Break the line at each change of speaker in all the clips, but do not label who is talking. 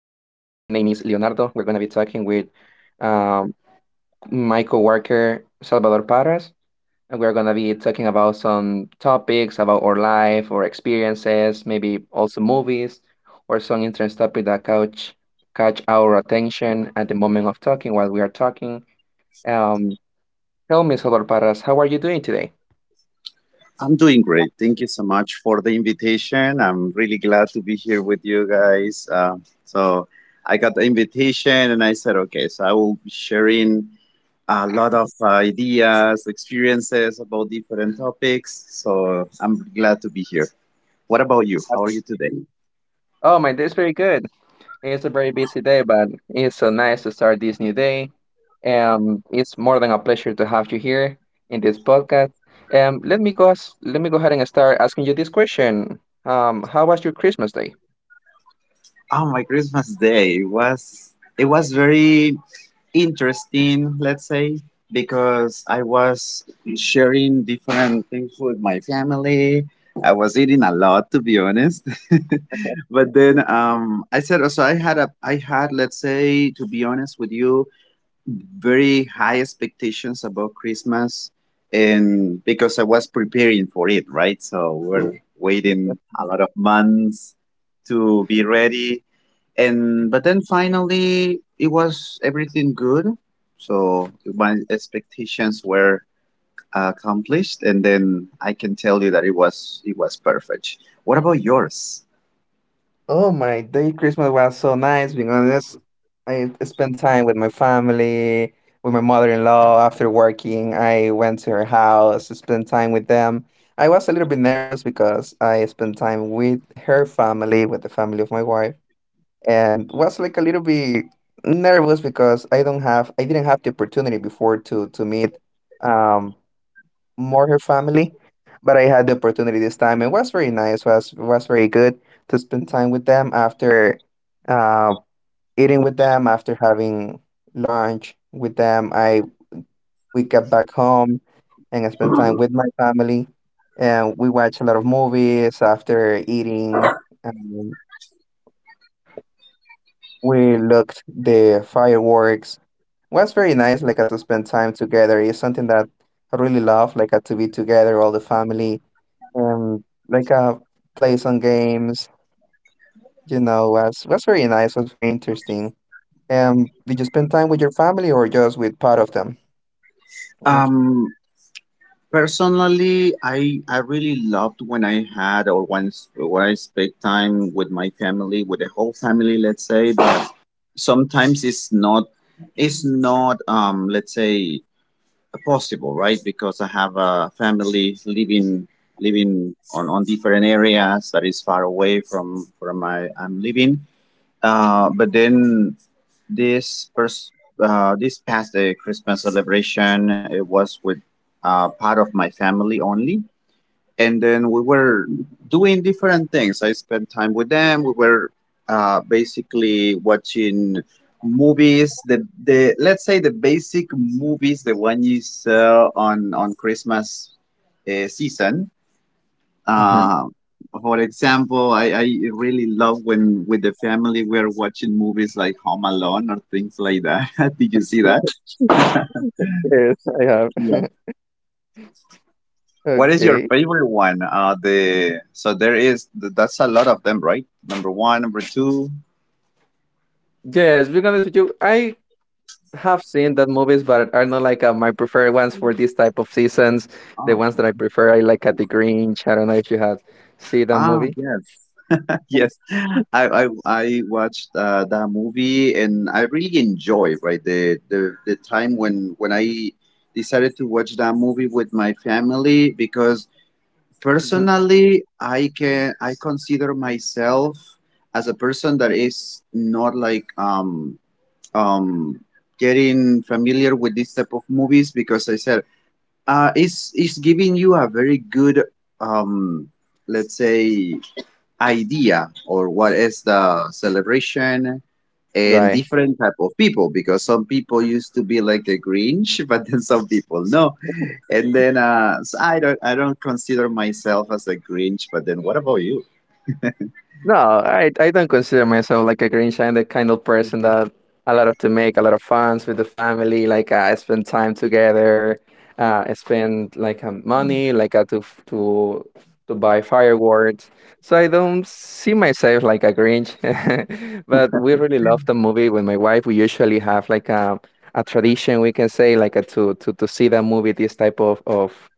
name is Leonardo. We're going to be talking with um, my coworker, Salvador Parras. And we're going to be talking about some topics about our life, our experiences, maybe also movies or some interesting topic that catch our attention at the moment of talking while we are talking. Um, tell me, Salvador Parras, how are you doing today?
I'm doing great. Thank you so much for the invitation. I'm really glad to be here with you guys. So I got the invitation and I said, okay, so I will be sharing a lot of ideas, experiences about different topics. So I'm really glad to be here. What about you? How are you today?
Oh, my day's very good. It's a very busy day, but it's so nice to start this new day. It's more than a pleasure to have you here in this podcast. Let me go ahead and start asking you this question. How was your Christmas day?
Oh, my Christmas Day, it was very interesting, let's say, because I was sharing different things with my family. I was eating a lot, to be honest. But then I said, also, I had, let's say, to be honest with you, very high expectations about Christmas, and because I was preparing for it, right? So we're waiting a lot of months to be ready, and but then finally it was everything good. So my expectations were accomplished, and then I can tell you that it was perfect. What about yours?
Oh, my day Christmas was so nice. Being honest, I spent time with my family, with my mother-in-law after working. I went to her house, spent time with them. I was a little bit nervous because I spent time with her family, with the family of my wife and was like a little bit nervous because I didn't have the opportunity before to meet um more her family, but I had the opportunity this time. It was very nice. Was very good to spend time with them after uh, eating with them after having lunch with them. I we got back home and I spent time with my family and we watched a lot of movies after eating, um, we looked the fireworks. Was very nice, like to spend time together is something that I really love, like to be together all the family and like play some games. Was very nice. Was very interesting. Did you spend time with your family or just with part of them, what?
Um, Personally, I really loved when I had, or once when I spent time with my family, with the whole family, let's say. But sometimes it's not let's say possible, right? Because I have a family living on different areas that is far away from my I'm living. But then this pers- this past Christmas celebration, it was with part of my family only, and then we were doing different things. I spent time with them. We were basically watching movies. The let's say the basic movies, the one you saw on Christmas season.
Mm-hmm.
Uh, for example, I really love when with the family we are watching movies like Home Alone or things like that. Did you see that?
Yes, I have.
What is your
Okay.
favorite one? The so there is th- that's a lot of them, right? Number one, number two.
Yes, being honest with you, I have seen that movies, but are not like my preferred ones for this type of seasons. The
Oh,
ones that I prefer, I like at the Grinch. I don't know if you had seen that movie.
yes. Yes. I watched that movie and I really enjoy, right, the time when I decided to watch that movie with my family, because
Hmm.
personally I can I consider myself as a person that is not like um, getting familiar with this type of movies, because I said it's giving you a very good um, let's say idea or what is the celebration and
Right.
different type of people, because some people used to be like the Grinch, but then some people no. And then so I don't consider myself as a Grinch, but then what about you?
No, I don't consider myself like a Grinch. I'm the kind of person that I love to make a lot of funs with the family. Like I spend time together. I spend like money, like to f- to buy fireworks. So I don't see myself like a Grinch. But we really love the movie with my wife. We usually have like a tradition we can say like a, to see that movie this type of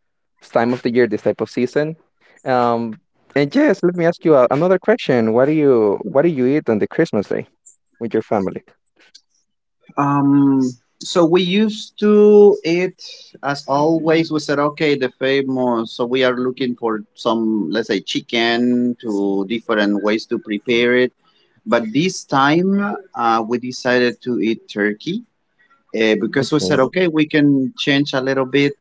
time of the year, this type of season. Um, and yes, let me ask you another question. What do you eat on the Christmas day with your family?
Um, so we used to eat, as always, we said, okay, the famous. So we are looking for some, let's say, chicken to different ways to prepare it. But this time, we decided to eat turkey because we said,
Okay.
okay, we can change a little bit.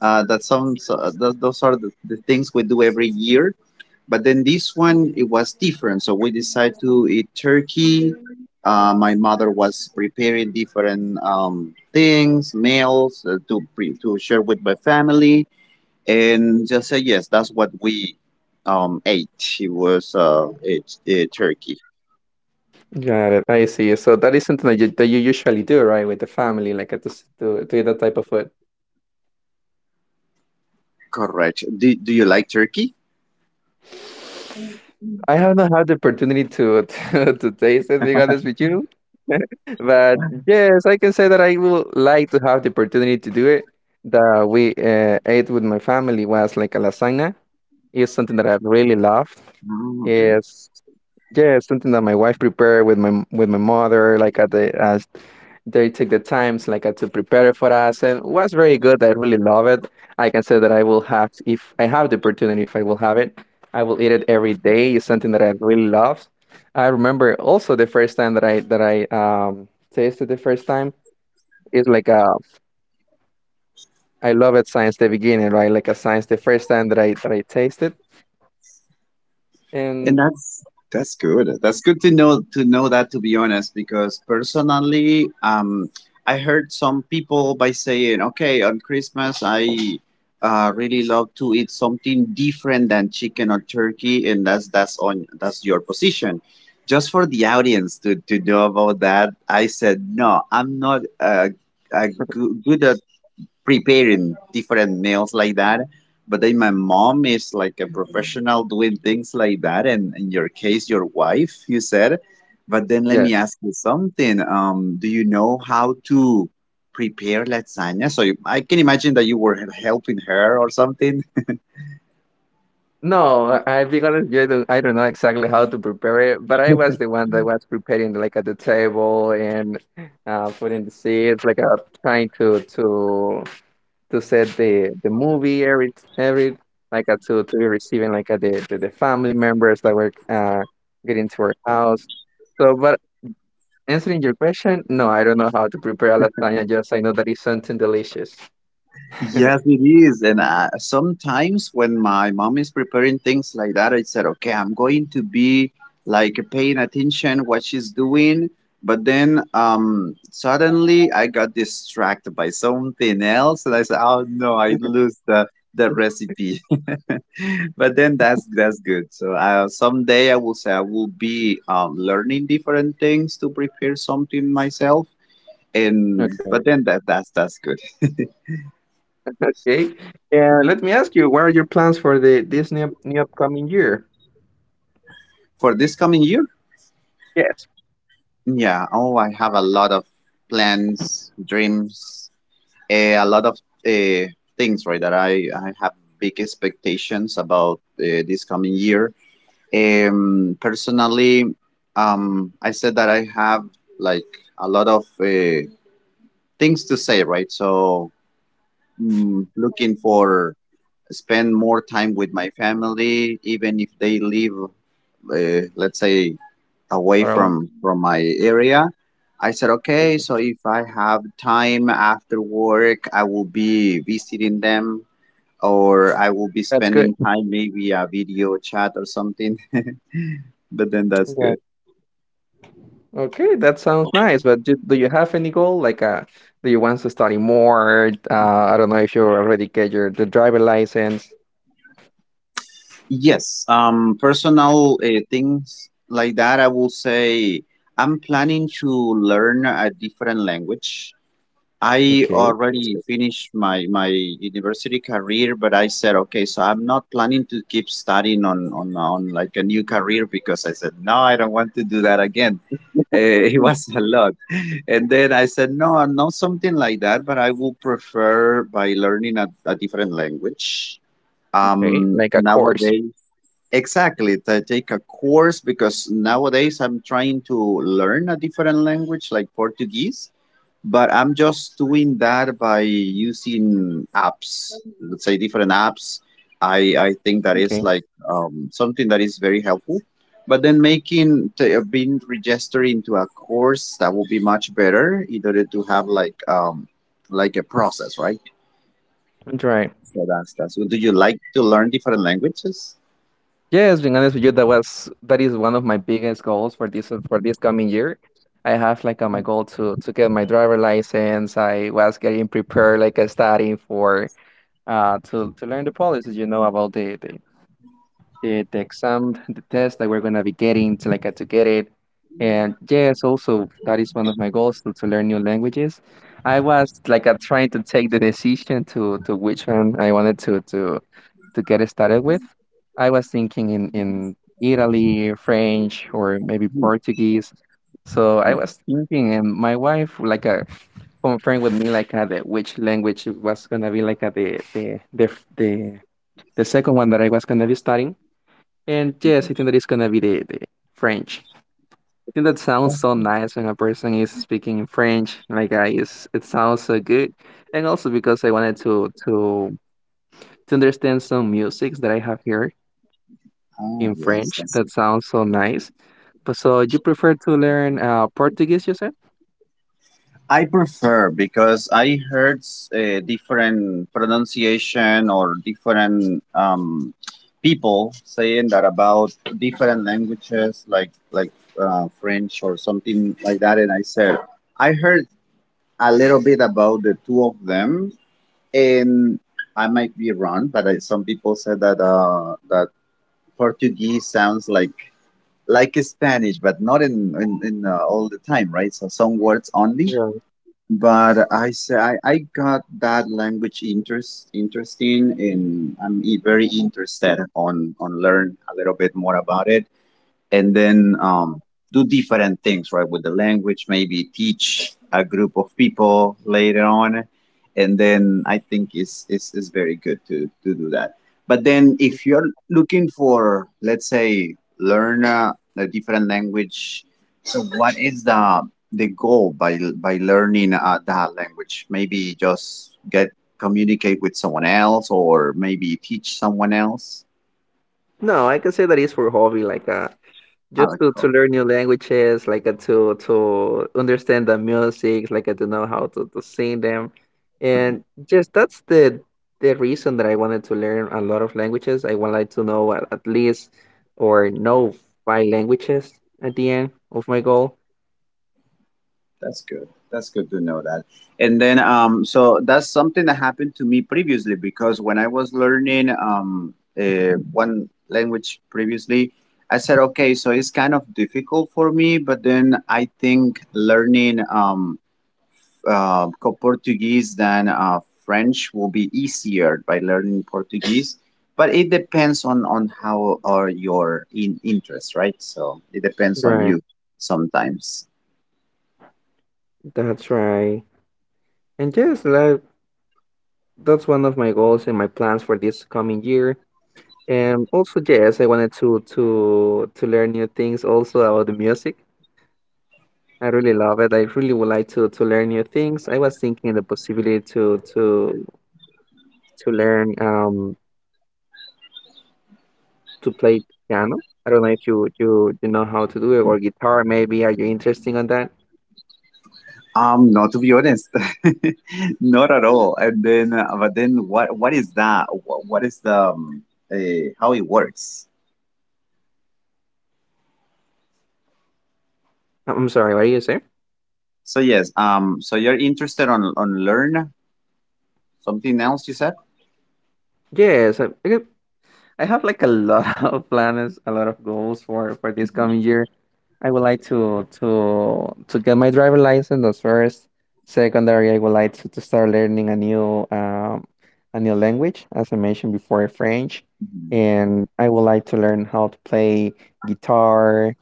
That sounds, those are the things we do every year, but then this one it was different, so we decided to eat turkey. My mother was preparing different things, meals, to share with my family, and just say yes, that's what we ate. It was turkey,
Got it. I see. So that is something that you usually do, right, with the family, like to s- to eat that type of
correct? Do you like turkey?
food. I have not had the opportunity to to taste it, being honest with you. But yes, I can say that I would like to have the opportunity to do it. That we ate with my family was like a lasagna. It's something that I really loved.
Mm,
It's, yeah, it's something that my wife prepared with my mother, like at the as they took the times like to prepare it for us, and was very good. I really love it. I can say that I will have, if I have the opportunity, if I will have it, I will eat it every day. It's something that I really love. I remember also the first time that I tasted the first time. It's I love it since the beginning, right? Like a Since the first time that I tasted,
and
and
that's good. That's good to know that, to be honest, because personally, I heard some people by saying, "Okay, on Christmas, I really love to eat something different than chicken or turkey," and that's your position. Just for the audience to know about that, I said no. I'm not a good preparing different meals like that. But then my mom is like a professional doing things like that, and in your case, your wife, you said. But then let me
yes,
ask you something. Do you know how to prepare lasagna? So you, I can imagine that you were helping her or something.
no, I be honest, I don't know exactly how to prepare it, but I was the one that was preparing like at the table and putting the seeds, like trying to set the movie every like to be receiving like the family members that were getting to our house. So, but answering your question, no, I don't know how to prepare a lasagna. Just I know that it's something delicious.
Yes, it is. And sometimes when my mom is preparing things like that, I said, okay, I'm going to be like paying attention what she's doing. But then suddenly I got distracted by something else, and I said, oh no, I lose the recipe. But then that's good. So someday I will be learning different things to prepare something myself. And
Okay.
but then that's good
Okay. And let me ask you, what are your plans for the this new upcoming year?
for this coming year.
Yes,
Yeah. Oh, I have a lot of plans, dreams, a lot of uh, things, right? That I have big expectations about this coming year. Personally, I said that I have like a lot of things to say, right? So, looking for spend more time with my family, even if they live, let's say, away
or what?
from my area. I said, okay, so if I have time after work, I will be visiting them, or I will be
That's good.
spending time maybe a video chat or something. But then that's
Okay.
good.
Okay, that sounds nice. But do you have any goal? Like, do you want to study more? I don't know if you already get your the driver license.
Yes, personal things like that, I will say I'm planning to learn a different language. I
Okay, that's
already
good.
finished my university career, but I said, okay, so I'm not planning to keep studying on like a new career, because I said, no, I don't want to do that again. Uh, it was a lot, and then I said, no, not something like that, but I would prefer by learning a different language.
Okay, like a course.
Nowadays, exactly, to take a course, because nowadays I'm trying to learn a different language like Portuguese, but I'm just doing that by using apps, let's say different apps. I think that is
Okay.
like something that is very helpful. But then being registered into a course that would be much better in order to have like a process, right?
Right.
So that's that's. Do you like to learn different languages?
Yes, being honest with you, that is one of my biggest goals for this coming year. I have like my goal to get my driver license. I was getting prepared, like studying for to learn the policies, about the exam, the test that we're gonna be getting to like to get it. And yes, also that is one of my goals to learn new languages. I was like trying to take the decision to which one I wanted to get it started with. I was thinking in Italy, French, or maybe
Mhm.
Portuguese. So I
Yeah.
was thinking, and my wife like a confirmed with me like which language it was gonna be like the f- the second one that I was gonna be studying. And yes, I think
Mhm.
that it's gonna be the French. I think that sounds so nice when a person is speaking in French. Like it sounds so good, and also because I wanted to understand some musics that I have here
Ah,
in
yes.
French. That sounds so nice. But so you prefer to learn Portuguese, you said?
I prefer, because I heard different pronunciation or different people saying that about different languages like French or something like that, and I said I heard a little bit about the two of them, and I might be wrong, but I, some people said that that Portuguese sounds like Spanish, but not in in all the time, right? So some words only.
Yeah.
But I say I got that language interesting, and I'm very interested on learn a little bit more about it, and then do different things, right? With the language, maybe teach a group of people later on, and then I think it's very good to do that. But then if you're looking for, let's say, learn a different language, so what is the goal by learning that language? Maybe just get communicate with someone else, or maybe teach someone else.
No, I can say that is for hobby, like
I
just
like
to
how—
learn new languages, like to understand the music, like to know how to sing them, and
Mhm.
just that's the reason that I wanted to learn a lot of languages. I wanted to know at least or know five languages at the end of my goal.
That's good. That's good to know that. And then, so that's something that happened to me previously, because when I was learning one language previously, I said, okay, so it's kind of difficult for me, but then I think learning Portuguese than French will be easier by learning Portuguese. But it depends on how are your in interests, right? So it depends on
Right.
you sometimes.
That's right. And just like that's one of my goals and my plans for this coming year. And also, yes, I wanted to learn new things also about the music. I really love it. I really would like to learn new things. I was thinking the possibility to learn to play piano. I don't know if you know how to do it or guitar maybe. Are you interested on that?
No, to be honest, not at all. And then, but then, what is that? What is the uh, how it works?
I'm sorry, what do you say?
So yes, so you're interested on learn something else, you said.
Yes, I have like a lot of plans, a lot of goals for this
Mhm,
coming year. I would like to get my driver license the first. Secondary, I would like to start learning a new language, as I mentioned before, French.
mhm,
And I would like to learn how to play guitar,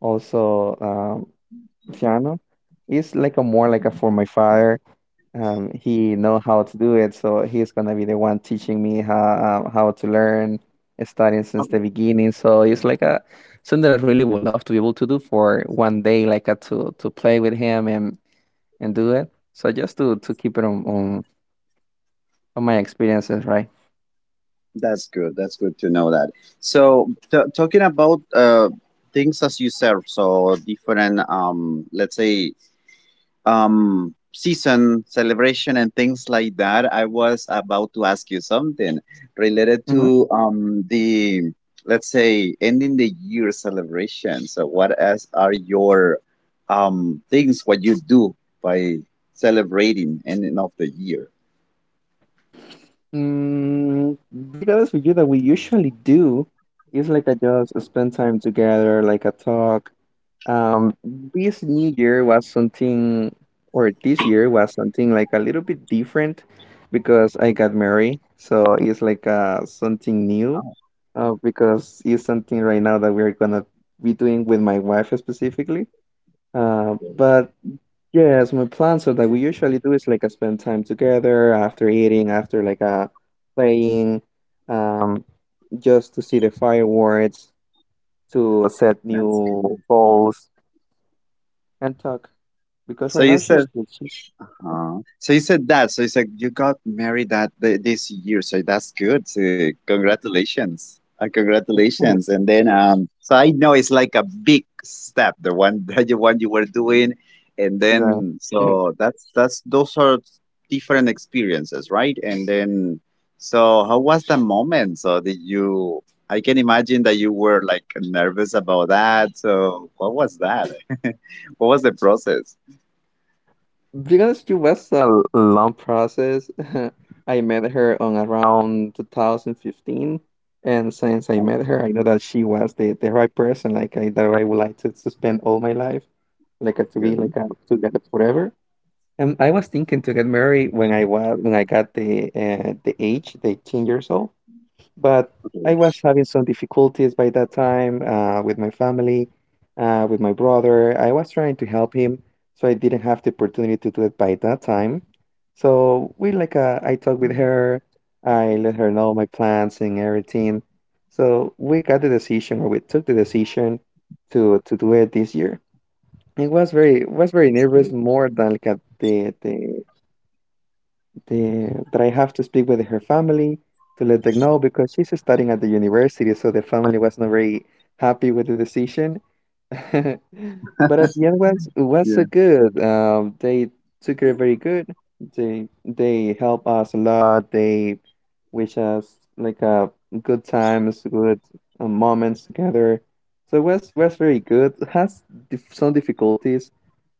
also piano. It's like a more like a
mhm.
for my father, he know how to do it, so he's gonna be the one teaching me how to learn, starting since
Okay,
the beginning. So it's like a something that I really would love to be able to do for one day, like to play with him and do it. So just to keep it on my experiences, right?
that's good. That's good to know that. So t talking about things as you serve, so different let's say season celebration and things like that, I was about to ask you something related
Mm-hmm.
to the, let's say, ending the year celebration. So what else are your things, what you do by celebrating ending of the year?
Mm, be honest with you, that we usually do is like I just spend time together, like a talk. This new year was something, or this year was something like a little bit different because I got married. So it's like something new, because it's something right now that we're gonna be doing with my wife specifically. But yes, my plans are that we usually do is like spend time together after eating, after like playing, um, just to see the fireworks, to set
That's
new
good.
goals and talk because
So
right
you
now
said,
she's
So you said that, so you said you got married that this year. So that's good. So congratulations.
right.
Congratulations. And then so I know it's like a big step, the one that the one you were doing. And then so that's those are different experiences, right? And then so how was the moment? So, did you, I can imagine that you were like nervous about that. So what was that? What was the process?
Because it was a long process. I met her on around 2015, and since I
Oh,
met her, I know that she was the right person. Like that I would like to spend all my life, like to be
good.
like together forever. And I was thinking to get married when I got the age, the 18 years old. But I
Okay,
was having some difficulties by that time with my family, with my brother. I was trying to help him, so I didn't have the opportunity to do it by that time. So we like I talked with her, I let her know my plans and everything. So we got the decision, or we took the decision to do it this year. It was very
she's
nervous,
good.
more than like at the that I have to speak with her family to let them know because she's studying at the university, so the family was not very happy with the decision. But at the end was so
Yeah.
good. They took her very good. They help us a lot. They wish us like good times, good moments together. So it was very good. Some difficulties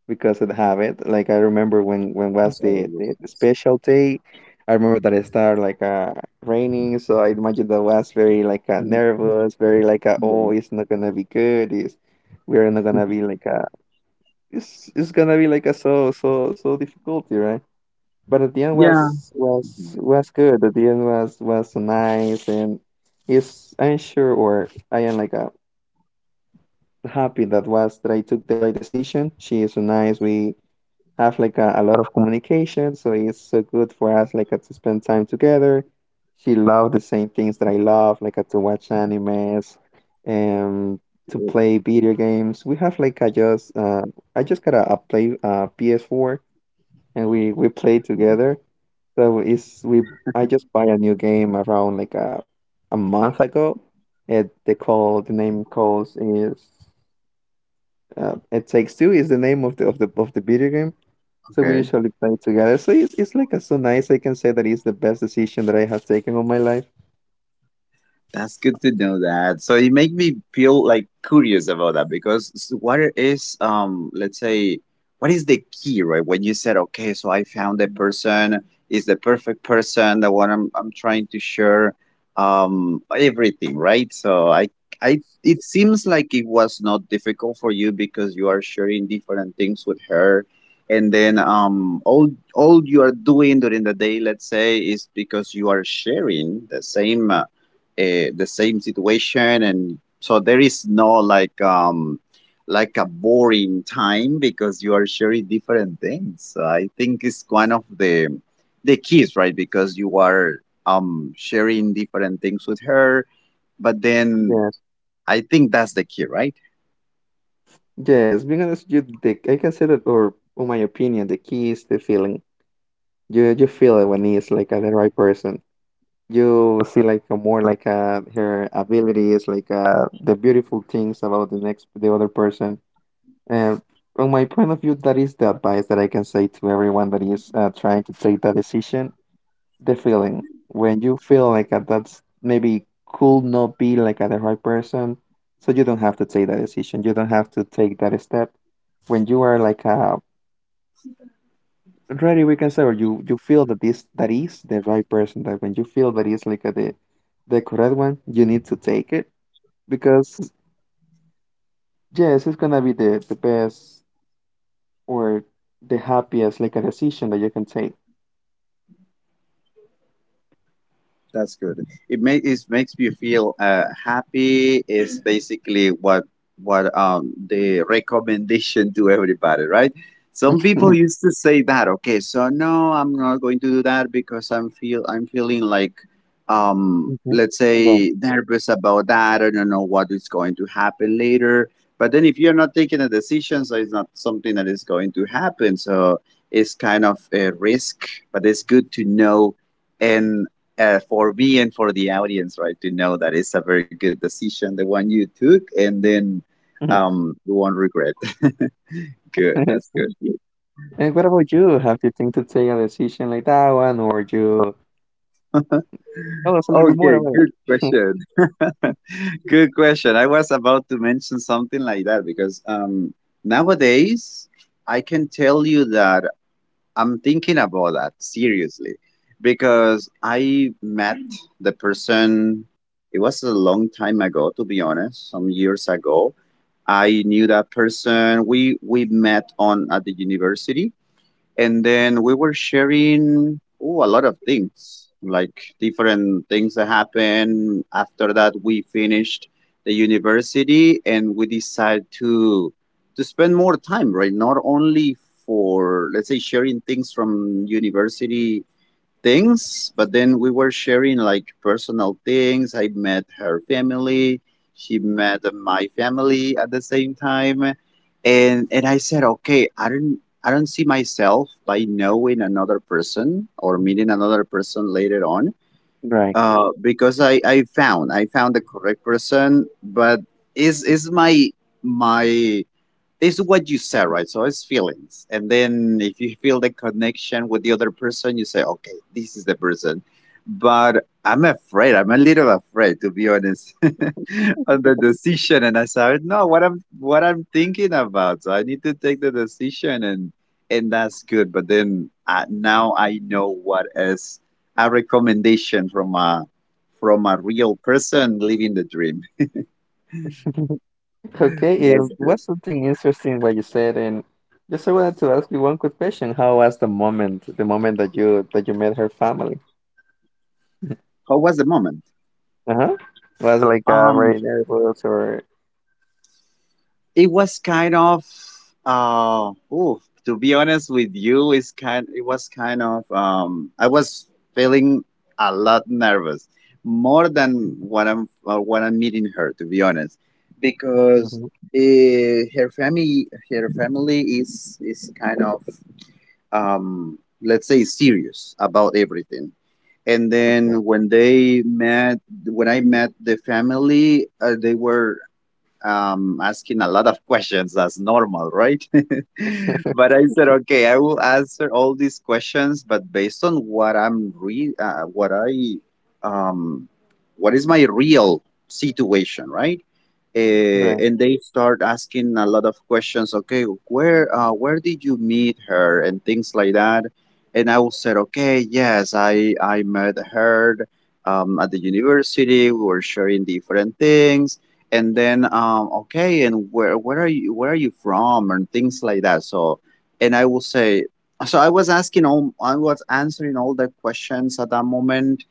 because it have it, like I remember when was
That's all it
the
was,
special day. I remember that it started like raining, so I imagine that was very like
like.
nervous, very like oh, it's not gonna be good. It's We're not gonna be like it's gonna be like a so so so difficulty, right? But at the end
Yeah. Mm-hmm.
was good. At the end was nice, and is I'm sure, or I am like happy that was that I took the right decision. She is nice. We have like a lot of communication, so it's so good for us like to spend time together. She loved the same things that I love, like to watch animes and to play video games. We have like I just got a play PS4 and we play together. So it's we I just buy a new game around like a month ago. It they call the name calls is it takes two is the name of the video game, so we
Okay.
usually play together. So it's like a, so nice. I can say that it's the best decision that I have taken on my life.
That's good to know that. So it make me feel like curious about that because what is let's say what is the key, right? When you said, okay, so I found the person, is the perfect person, the one I'm trying to share everything, right? So I it seems like it was not difficult for you because you are sharing different things with her, and then all you are doing during the day, let's say, is because you are sharing the same, the same situation. And so there is no like like a boring time because you are sharing different things. So I think it's one of the keys, right? Because you are sharing different things with her, but then
Yes,
I think that's the key, right?
yes. Being honest, you the I can say that, or in my opinion, the key is the feeling. You feel it when it's like the right person. You see like a more like her abilities, like the beautiful things about the other person. And from my point of view, that is the advice that I can say to everyone that is trying to take that decision. The feeling, when you feel like a, that's maybe could not be like a, the right person, so you don't have to take that decision, you don't have to take that step. When you are like ready, we can say, or you feel that this that is the right person, that when you feel that is like a, the correct one, you need to take it because yes, it's gonna be the best or the happiest like a decision that you can take.
That's good. It makes you feel happy. Is basically what the recommendation to everybody, right? Some people used to say that. Okay, so no, I'm not going to do that because I'm feel I'm feeling like
Mhm.
let's
Well,
say nervous about that. I don't know what is going to happen later. But then if you're not taking a decision, so it's not something that is going to happen. So it's kind of a risk, but it's good to know and for me and for the audience, right, to know that it's a very good decision, the one you took, and then
mhm.
you won't regret. Good, that's good.
And what about you? Have you think to take a decision like that one, or you tell us a little bit more
Okay,
about
good
it?
question. Good question. I was about to mention something like that because nowadays I can tell you that I'm thinking about that seriously because I met the person. It was a long time ago, to be honest. Some years ago I knew that person. We met on at the university, and then we were sharing a lot of things, like different things that happened after that. We finished the university, and we decided to spend more time, right? Not only for, let's say, sharing things from university things, but then we were sharing like personal things. I met her family, she met my family at the same time, and I said, okay, I don't see myself by knowing another person or meeting another person later on.
Right.
Because I found the correct person. But is my my it's what you said, right? So it's feelings. And then if you feel the connection with the other person, you say, okay, this is the person. But I'm afraid, I'm a little afraid, to be honest, on the decision. And I said, no, what I'm thinking about. So I need to take the decision, and that's good. But then now I know what is a recommendation from a real person living the dream.
Okay,
That's good.
what's something interesting what you said, and just I wanted to ask you one quick question. How was the moment that you met her family?
How was the moment?
Uh-huh. Was like very nervous or
It was kind of ooh, to be honest with you, it was kind of I was feeling a lot nervous, more than when I'm when I'm meeting her, to be honest, because
Mhm.
her family is kind of let's say serious about everything. And
okay,
then when they met when I met the family, they were asking a lot of questions, as normal, right? But I said, okay, I will answer all these questions, but based on what I'm re, what I, um, what is my real situation, right? Uh,
right?
and they start asking a lot of questions. Okay, where did you meet her and things like that? And I will say, okay, yes, I met her. At the university, we were sharing different things. And then okay, and where are you from and things like that. So and I will say, so I was asking all I was answering all the questions at that moment.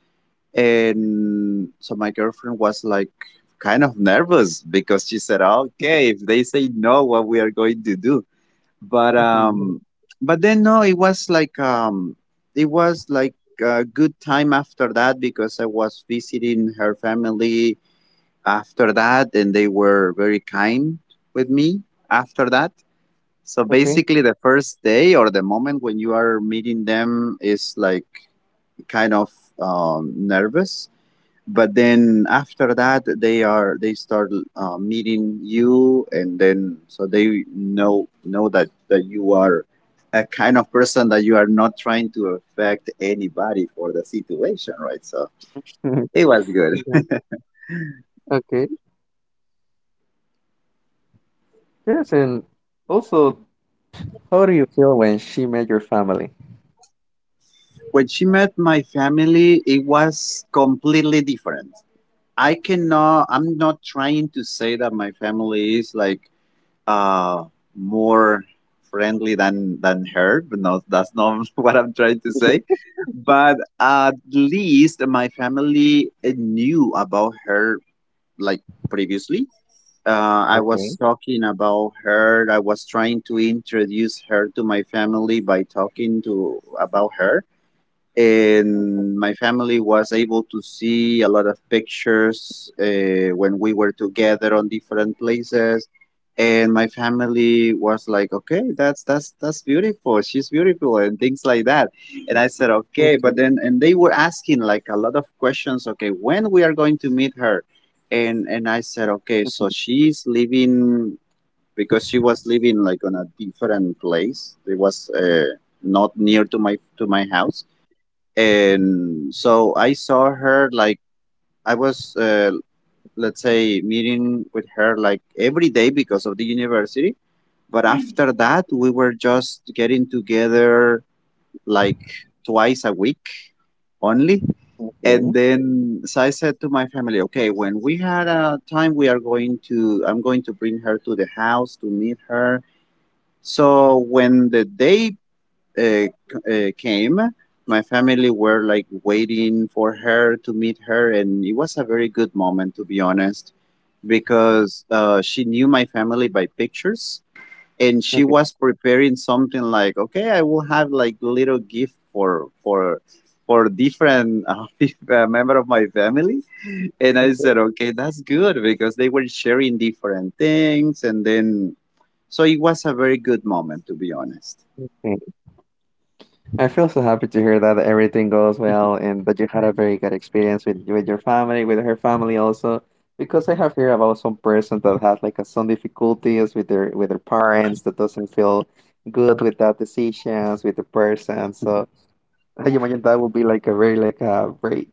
And so my girlfriend was like kind of nervous because she said, okay, if they say no, what we are going to do? But but then no, it was like it was like a good time after that, because I was visiting her family after that, and they were very kind with me after that. So
Okay.
basically the first day or the moment when you are meeting them is like kind of nervous. But then after that, they are they start meeting you, and then so they know that that you are a kind of person that you are not trying to affect anybody for the situation, right? So it was good.
Okay. Okay. Yes, and also, how do you feel when she met your family?
When she met my family, it was completely different. I cannot I'm not trying to say that my family is like uh more friendly than her, but no, that's not what I'm trying to say. But at least my family knew about her, like, previously I was
Okay.
talking about her. I was trying to introduce her to my family by talking to about her, and my family was able to see a lot of pictures when we were together on different places. And my family was like, okay, that's beautiful, she's beautiful, and things like that. And I said, okay,
Okay.
but then and they were asking like a lot of questions, okay, when we are going to meet her? And I said, okay, so she's living because she was living like on a different place. It was not near to my house. And so I saw her like I was let's say meeting with her like every day because of the university. But after that, we were just getting together like twice a week only. And
Okay.
then, so I said to my family, okay, when we had a time, we are going to, I'm going to bring her to the house to meet her. So when the day uh, came, my family were like waiting for her to meet her, and it was a very good moment, to be honest, because she knew my family by pictures, and she
Okay. Okay.
was preparing something like, okay, I will have like little gift for for different member of my family. And I said, okay, that's good, because they were sharing different things, and then so it was a very good moment, to be honest.
Okay. I feel so happy to hear that everything goes well and that you had a very good experience with your family, with her family also. Because I have heard about some person that had like a, some difficulties with their parents that doesn't feel good with that decisions with the person. So I imagine that would be like a very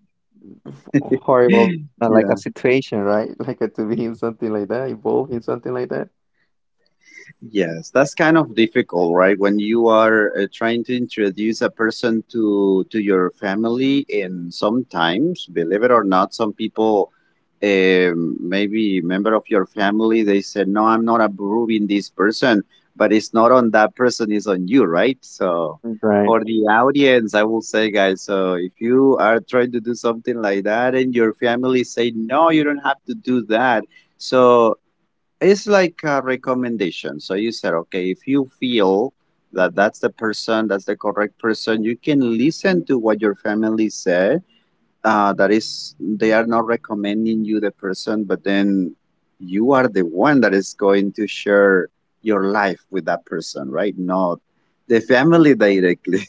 horrible like a
Yeah.
situation, right? Like to be in something like that, involved in something like that.
Yes, that's kind of difficult, right? When you are trying to introduce a person to your family. And sometimes, believe it or not, some people, maybe member of your family, they said, "No, I'm not approving this person," but it's not on that person; it's on you, right? So,
Right.
for the audience, I will say, guys, so if you are trying to do something like that, and your family say, "No, you don't have to do that," so it's like a recommendation. So you said, okay, if you feel that that's the person, that's the correct person, you can listen to what your family said. That is, they are not recommending you the person, but then you are the one that is going to share your life with that person, right? Not the family directly.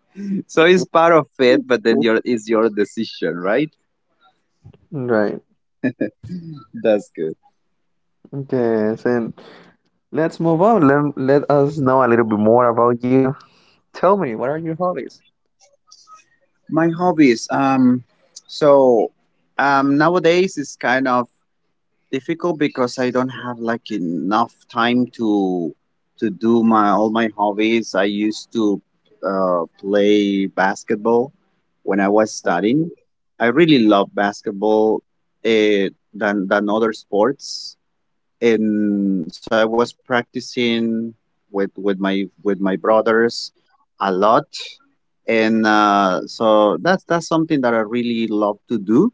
So it's part of it, but then your it's your decision, right?
Right.
That's good.
Yes, and let's move on. Let us know a little bit more about you. Tell me, what are your hobbies?
My hobbies. So nowadays it's kind of difficult because I don't have like enough time to do my all my hobbies. I used to play basketball when I was studying.
Okay.
I really love basketball than other sports. And so I was practicing with my brothers a lot, and so that's something that I really love to do.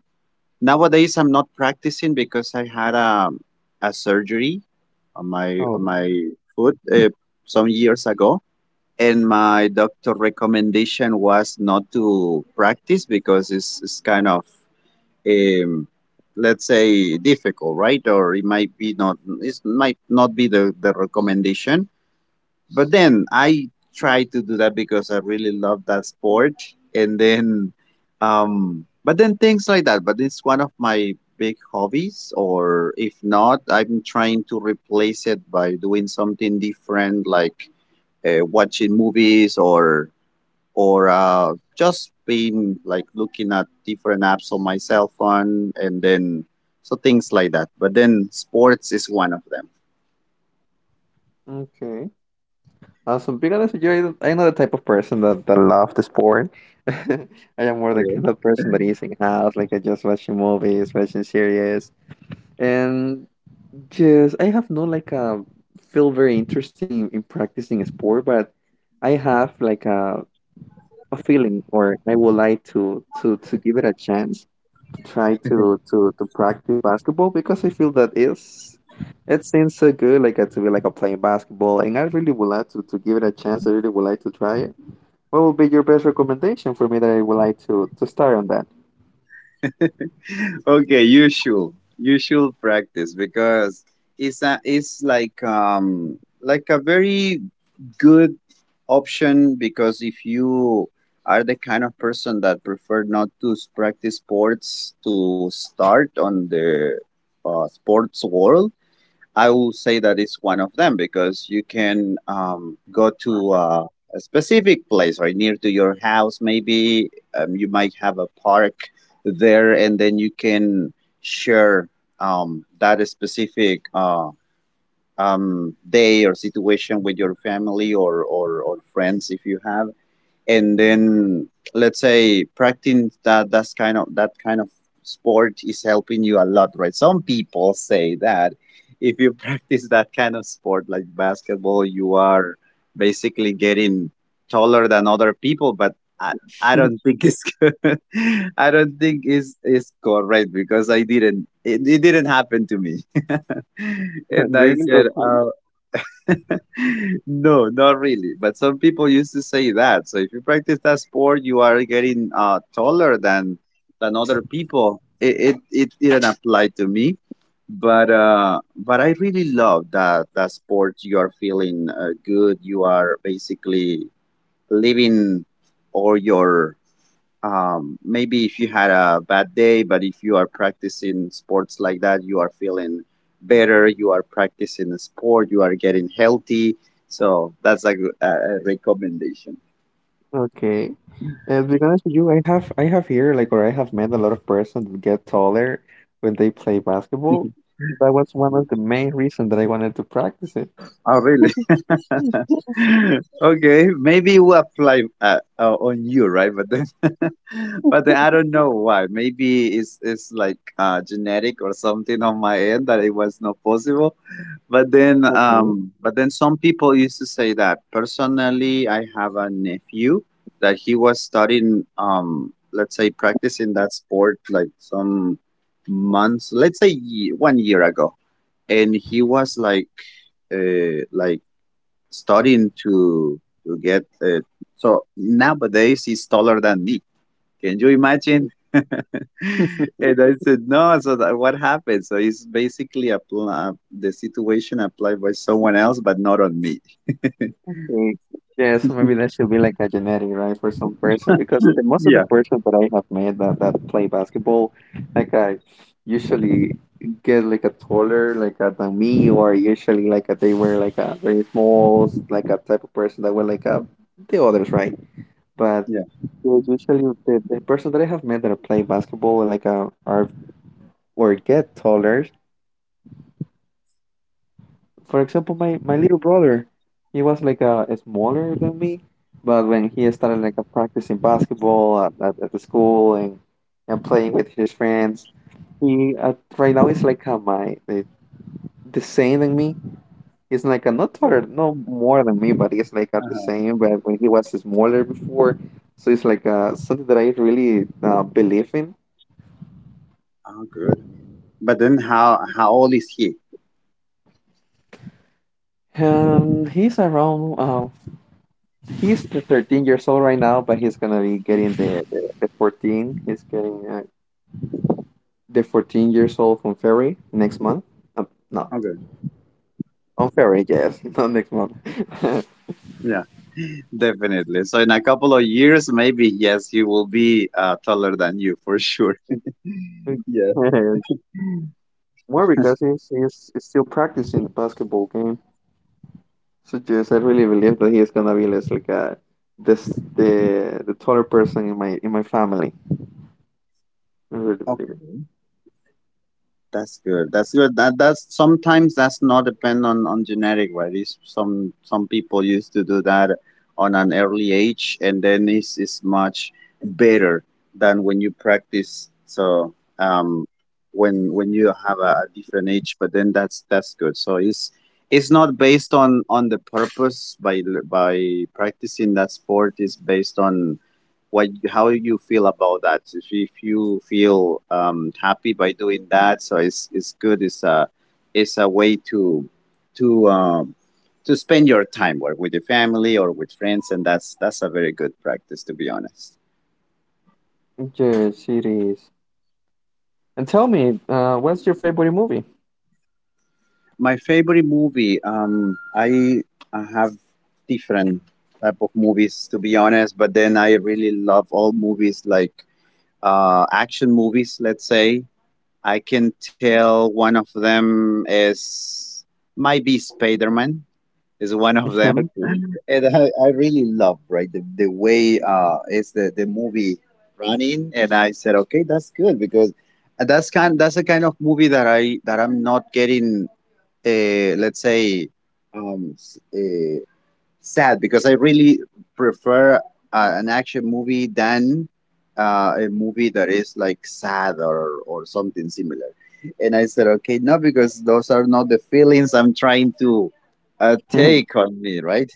Nowadays, I'm not practicing because I had a surgery
Oh,
on my foot some years ago, and my doctor recommendation was not to practice because it's kind of um, let's say difficult, right? Or it might be not it might not be the recommendation, but then I try to do that because I really love that sport. And then but then things like that. But it's one of my big hobbies. Or if not, I'm trying to replace it by doing something different like watching movies or just been like looking at different apps on my cell phone, and then so things like that. But then sports is one of them.
okay. Awesome. Because you're, I not the type of person that, that love the sport. I am more the
Okay.
kind of person that is in house, like I just watching movies, watching series. And yes, I have not like a feel very interesting in practicing a sport, but I have like a feeling, or I would like to give it a chance to try to practice basketball because I feel that it seems so good like to be like a playing basketball, and I really would like to give it a chance. I really would like to try it. What would be your best recommendation for me that I would like to start on that?
Okay, you should practice because it's a, it's like a very good option. Because if you are the kind of person that prefer not to practice sports, to start on the sports world, I will say that it's one of them because you can go to a specific place, right, near to your house. Maybe you might have a park there, and then you can share that specific day or situation with your family or friends if you have. And then let's say practicing that kind of sport is helping you a lot, right? Some people say that if you practice that kind of sport like basketball, you are basically getting taller than other people, but i, I don't think it's good. I don't think it's correct because I didn't it, it didn't happen to me. And I
Really?
said,
Okay.
no, not really. But some people used to say that. So if you practice that sport, you are getting taller than other people. It didn't apply to me, but I really love that sport. You are feeling good. You are basically living all your maybe if you had a bad day, but if you are practicing sports like that, you are feeling better. You are practicing a sport. You are getting healthy. So that's like a recommendation.
Okay. And to be honest with you, I have here like, or I have met a lot of persons that get taller when they play basketball. That was one
Mm.
of the main reasons that I wanted to practice it.
Oh, really?
Yes.
Okay, maybe it will apply on you, right? But then, but then I don't know why. Maybe it's like genetic or something on my end that it was not possible. But then,
Okay.
some people used to say that. Personally, I have a nephew that he was studying, let's say, practicing that sport like some months, let's say 1 year ago, and he was like starting to get. So nowadays he's taller than me. Can you imagine? And I said, no. So that, what happened? So it's basically the situation applied by someone else, but not on me.
Okay. Yeah, so maybe that should be like a genetic, right, for some person, because the most of the
Yeah,
persons that I have met that, that play basketball, like I usually get like a taller like a, than me, or usually like a, they were like a very small like a type of person that were like a the others, right? But
yeah.
yes, usually the person that I have met that play basketball like are or get taller. For example, my little brother, he was like smaller than me, but when he started like practicing basketball at the school and playing with his friends, he right now is like my the same than me. He's like not taller,
Really.
no more than me, but he's like the
Uh-huh.
same. But when he was smaller before, so it's like something that I really believe in.
Oh, good. But then, how old is he?
He's around. He's the 13 years old right now, but he's gonna be getting
Mm.
the 14. He's getting the 14 years old from February next month. Uh, no,
Okay.
on February, yes, not next month.
Yeah, definitely. So in a couple of years, maybe yes, he will be taller than you for sure. Yeah.
Yes, more because he's he's still practicing the basketball game. So yes, I really believe that he's gonna be less like a this the taller person in my family. I really believe
Okay.
it.
That's good. That's good. That's sometimes that's not depend on genetic, right? It's some people used to do that on an early age, and then it's much better than when you practice. So um, when you have a different age, but then that's good. So it's not based on the purpose by practicing that sport. It's based on what how you feel about that. If you feel happy by doing that, so it's good, it's a way to to um, to spend your time or with your family or with friends. And that's a very good practice, to be honest.
Yes, it is. And tell me, what's your favorite movie?
My favorite movie, I have different type of movies, to be honest, but then I really love all movies like action movies. Let's say I can tell one of them is might be Spider Man is one of them,
Okay.
and I really love, right, the way is the movie running. And I said, okay, that's good because that's a kind of movie that I'm not getting let's say um s- uh, sad, because I really prefer an action movie than a movie that is like sad or something similar. And I said, okay, no, because those are not the feelings I'm trying to take on me, right?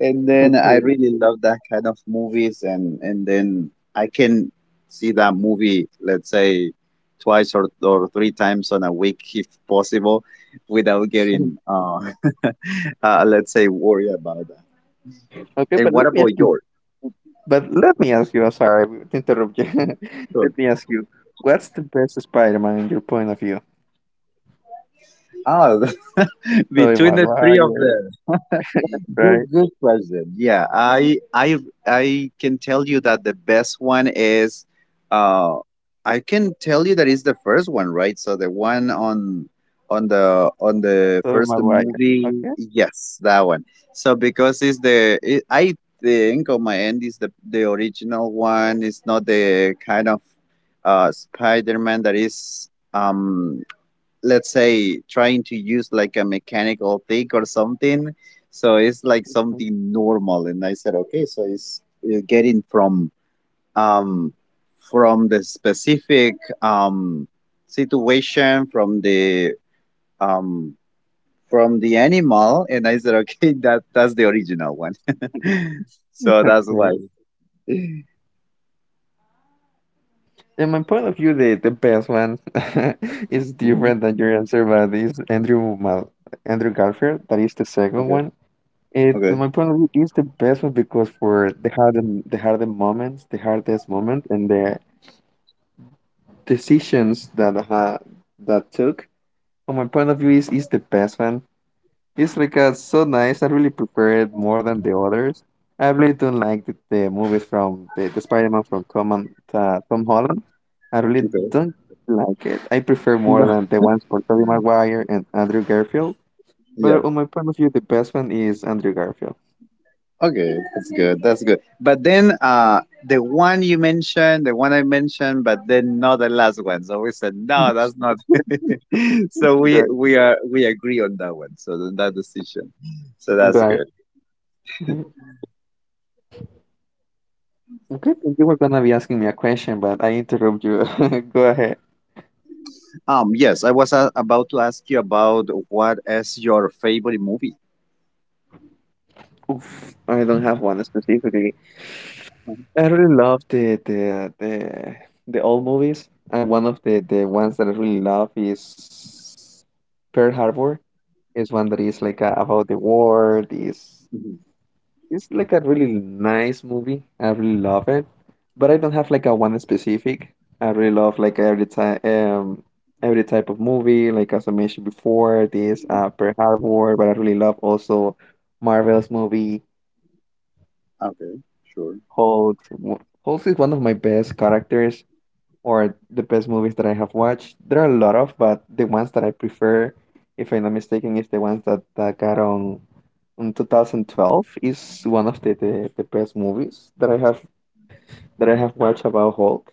And then I
Okay.
really love that kind of movies, and then I can see that movie, let's say, twice or three times on a week if possible, without getting let's say worried about that.
Okay,
And
but
what
let me
about
ask you.
yours?
But let me ask you. I'm sorry to interrupt you.
Sure.
Let me ask you. What's the best Spider-Man in your point of view?
Ah,
Tobey
between the three of
Maguire,
them.
right?
Good, good question. Yeah, I can tell you that the best one is, uh, I can tell you that is the first one, right? So the one on, on the
Tobey
first
Maguire.
movie,
Okay.
yes, that one. So because it's I think on my end is the original one. It's not the kind of, Spider Man that is, let's say trying to use like a mechanical thing or something. So it's like something normal, and I said, okay, so it's getting um from the specific um situation, um from the animal. And I said, okay, that's the original one. So that's why.
Okay. In my point of view, the best one is
Mhm.
different than your answer, but is Andrew Garfield. That is the second
Okay,
one. It,
okay,
in my point of view, is the best one because for the hardest moments, the hardest moment, and the decisions that ha that took from my point of view is the best one. It's like so nice. I really prefer it more than the others. I really don't like the movies from the Spider-Man from Tom Holland. I really
okay,
don't like it. I prefer more than the ones from Tobey Maguire and Andrew Garfield.
okay.
But on my point of view, the best one is Andrew Garfield.
Okay, that's good. That's good. But then the one you mentioned, the one I mentioned, but then not the last one. So we said no, that's not. So
Right.
we agree on that one. So then that decision. So that's
Right.
good.
Mhm. Okay, you were gonna be asking me a question, but I interrupt you. Go ahead.
Yes, I was about to ask you about what is your favorite movie.
Oof, I don't have one specifically.
Mhm,
I really love the old movies. I one of the ones that I really love is Pearl Harbor. It's one that is like a, about the war. Is
mhm.
it's like a really nice movie. I really love it, but I don't have like a one specific. I really love like every time every type of movie. Like as I mentioned before, this Pearl Harbor. But I really love also Marvel's movie.
Okay, sure.
Hulk. Hulk is one of my best characters or the best movies that I have watched. There are a lot of, but the ones that I prefer, if I'm not mistaken, is the ones that, that got on in 2012 is one of the best movies that I have watched about Hulk.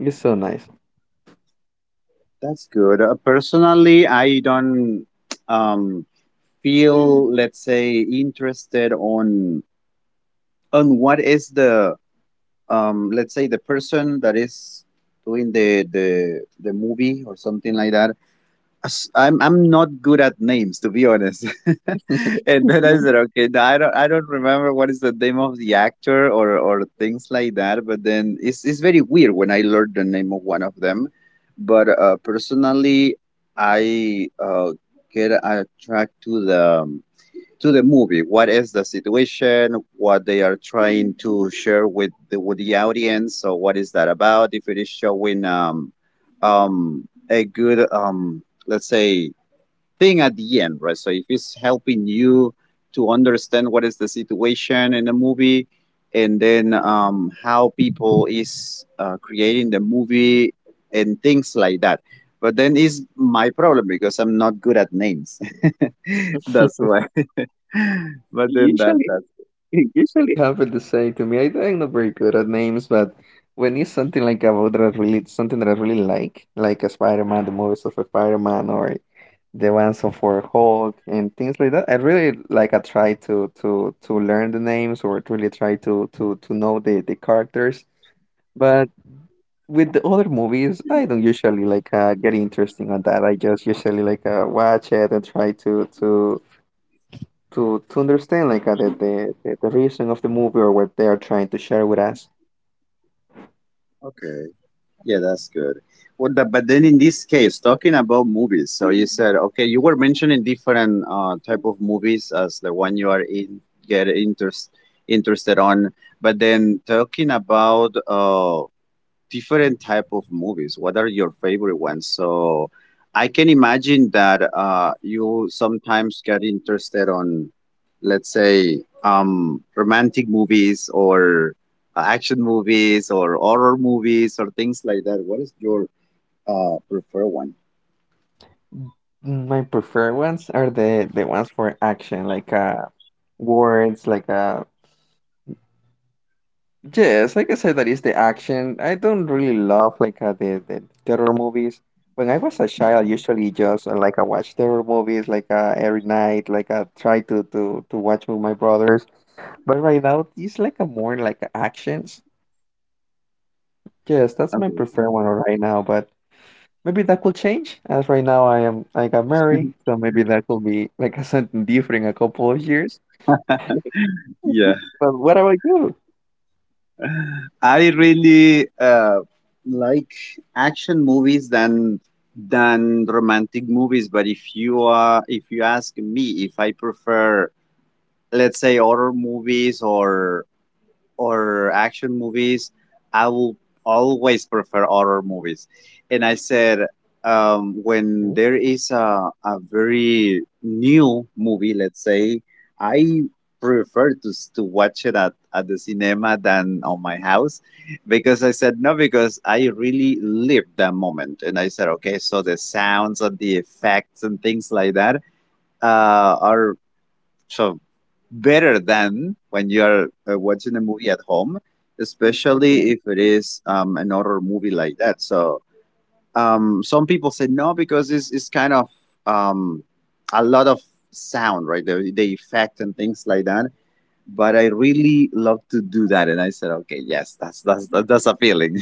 It's so nice.
That's good. Personally, I don't um feel let's say interested on what is the let's say the person that is doing the movie or something like that. I'm not good at names, to be honest. And then I said, okay, no, I don't remember what is the name of the actor or things like that. But then it's very weird when I learned the name of one of them. But personally, I get attracted to the movie. What is the situation? What they are trying to share with the audience? So what is that about? If it is showing a good let's say thing at the end, right? So if it's helping you to understand what is the situation in the movie, and then how people is creating the movie and things like that. But then is my problem because I'm not good at names. That's why. But then that
Usually
that's
It usually happened the same to me. I'm not very good at names, but when it's something like about that I really something that I really like a Spider-Man, the movies of a Spider-Man, or the ones of for Hulk and things like that. I really like I try to learn the names or to really try to know the characters. But with the other movies, I don't usually like get interesting on that. I just usually like watch it and try to understand like the, the reason of the movie or what they are trying to share with us.
okay. Yeah, that's good. Well, but then in this case, talking about movies, so you said okay, you were mentioning different type of movies as the one you are in get interested on, but then talking about different type of movies, what are your favorite ones? So I can imagine that you sometimes get interested on, let's say, romantic movies or action movies or horror movies or things like that. What is your preferred one?
My preferred ones are the ones for action, like words, like yes, like I said, that is the action. I don't really love like the terror movies. When I was a child, usually just like I watch terror movies like every night, like I try to watch with my brothers. But right now, it's like a more like a actions. Yes, that's my
Okay.
preferred one right now. But maybe that could change, as right now I got married, so maybe that could be like a something different in a couple of years.
Yeah.
But what about you?
I really like action movies than romantic movies. But if you are, if you ask me, if I prefer, let's say, horror movies or action movies, I will always prefer horror movies. And I said, when there is a very new movie, let's say, I prefer to watch it at the cinema than on my house, because I said no, because I really lived that moment. And I said, okay, so the sounds and the effects and things like that are so better than when you are watching a movie at home, especially
Okay.
if it is an horror movie like that. So some people say no because it's kind of um, a lot of sound, right? The effect and things like that. But I really love to do that, and I said, okay, yes, that's appealing.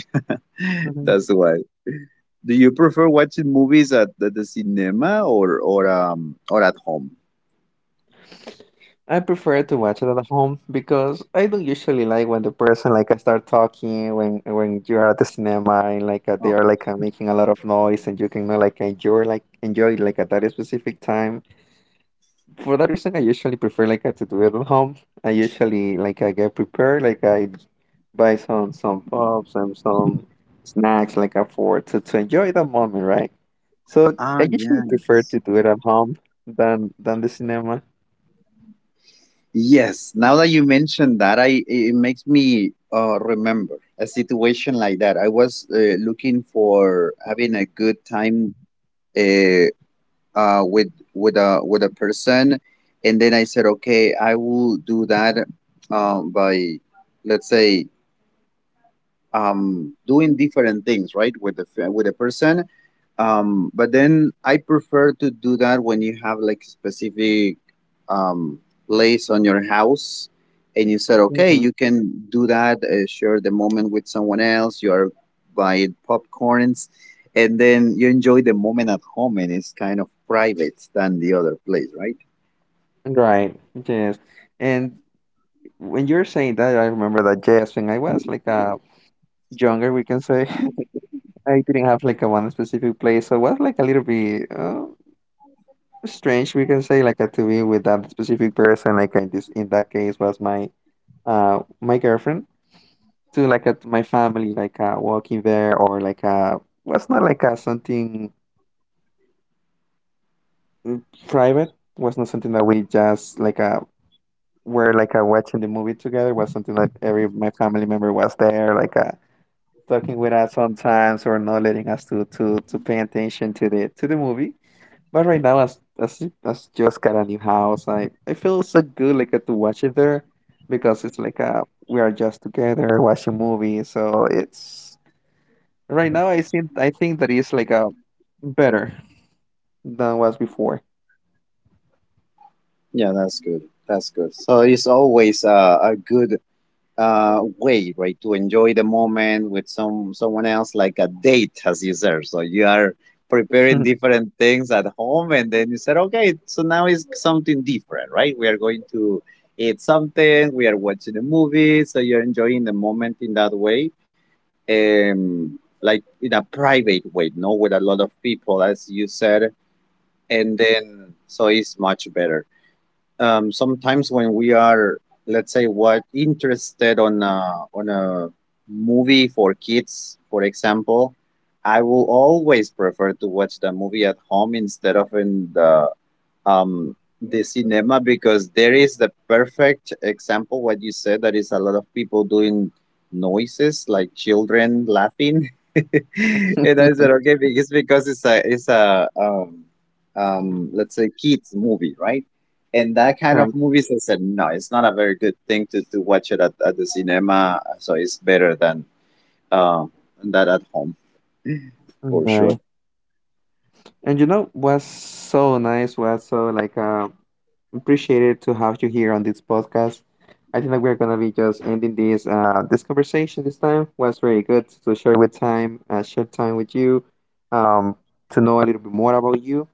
That's why. Do you prefer watching movies at the cinema or or at home?
I prefer to watch it at home because I don't usually like when the person like I start talking when you are at the cinema and like they
Oh,
are like making a lot of noise and you can like enjoy like enjoy like at that specific time. For that reason, I usually prefer like to do it at home. I usually like I get prepared like I buy some pops and some snacks like for to enjoy the moment, right? So
ah,
I usually prefer
yes.
to do it at home than the cinema.
Yes, now that you mentioned that, I it makes me remember a situation like that. I was looking for having a good time uh, with a person, and then I said, okay, I will do that by, let's say, doing different things, right, with a person. But then I prefer to do that when you have like specific um, place on your house, and you said, okay, you can do that, share the moment with someone else. You are buying popcorns, and then you enjoy the moment at home, and it's kind of private than the other place, right?
Right. Yes. And when you're saying that, I remember that, yes, when I was like younger, we can say, I didn't have like a one specific place. So it was like a little bit strange, we can say, like to be with that specific person, like in this in that case was my my girlfriend to like to my family, like walking there or like was not like something private, was not something that we just like were like watching the movie together was something that every my family member was there like talking with us sometimes or not letting us to pay attention to the movie. But right now, as you- as just got a new house, I feel so good like to watch it there because it's like we are just together watching movies. So it's right now I think that it's like a better than was before.
Yeah, that's good. That's good. So it's always a good way, right, to enjoy the moment with someone else, like a date, as you said. So you are preparing different things at home, and then you said, okay, so now it's something different, right? We are going to eat something, we are watching a movie, so you're enjoying the moment in that way, like in a private way, no, with a lot of people, as you said, and then so it's much better sometimes when we are let's say what interested on on a movie for kids, for example. I will always prefer to watch the movie at home instead of in the cinema, because there is the perfect example what you said, that is a lot of people doing noises, like children laughing. And I said, okay, it's because it's a let's say kids movie, right? And that kind of
Right,
movies, I said no, it's not a very good thing to watch it at the cinema, so it's better than uh, that at home, for sure.
right. And you know what's so nice was so like appreciated to have you here on this podcast. I think that we're gonna be just ending this this conversation this time. Was very good to share with time, share time with you, um, to know a little bit more about you.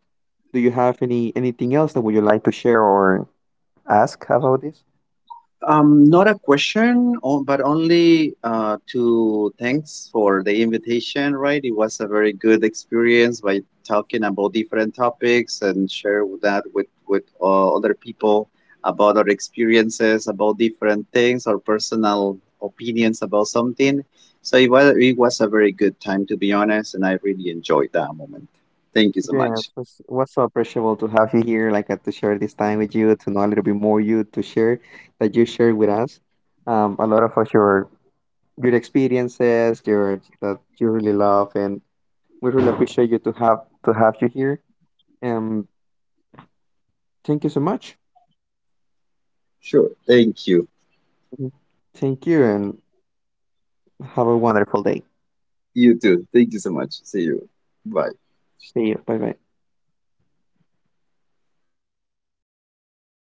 Do you have anything else that would you like to share or ask about this?
Not a question, but only to thanks for the invitation, right? It was a very good experience by talking about different topics and share with other people about our experiences, about different things, our personal opinions about something. So it was a very good time, to be honest, and I really enjoyed that moment. Thank you so much.
Yes, it's- was so appreciable to have you here, like to share this time with you, to know a little bit more you, to share that you share with us, a lot of us your experiences, your that you really love, and we really appreciate you to have you here. Um, thank you so much.
Sure. Thank you.
Mhm. Thank you, and have a wonderful day.
You too. Thank you so much. See you. Bye.
See you. Bye bye.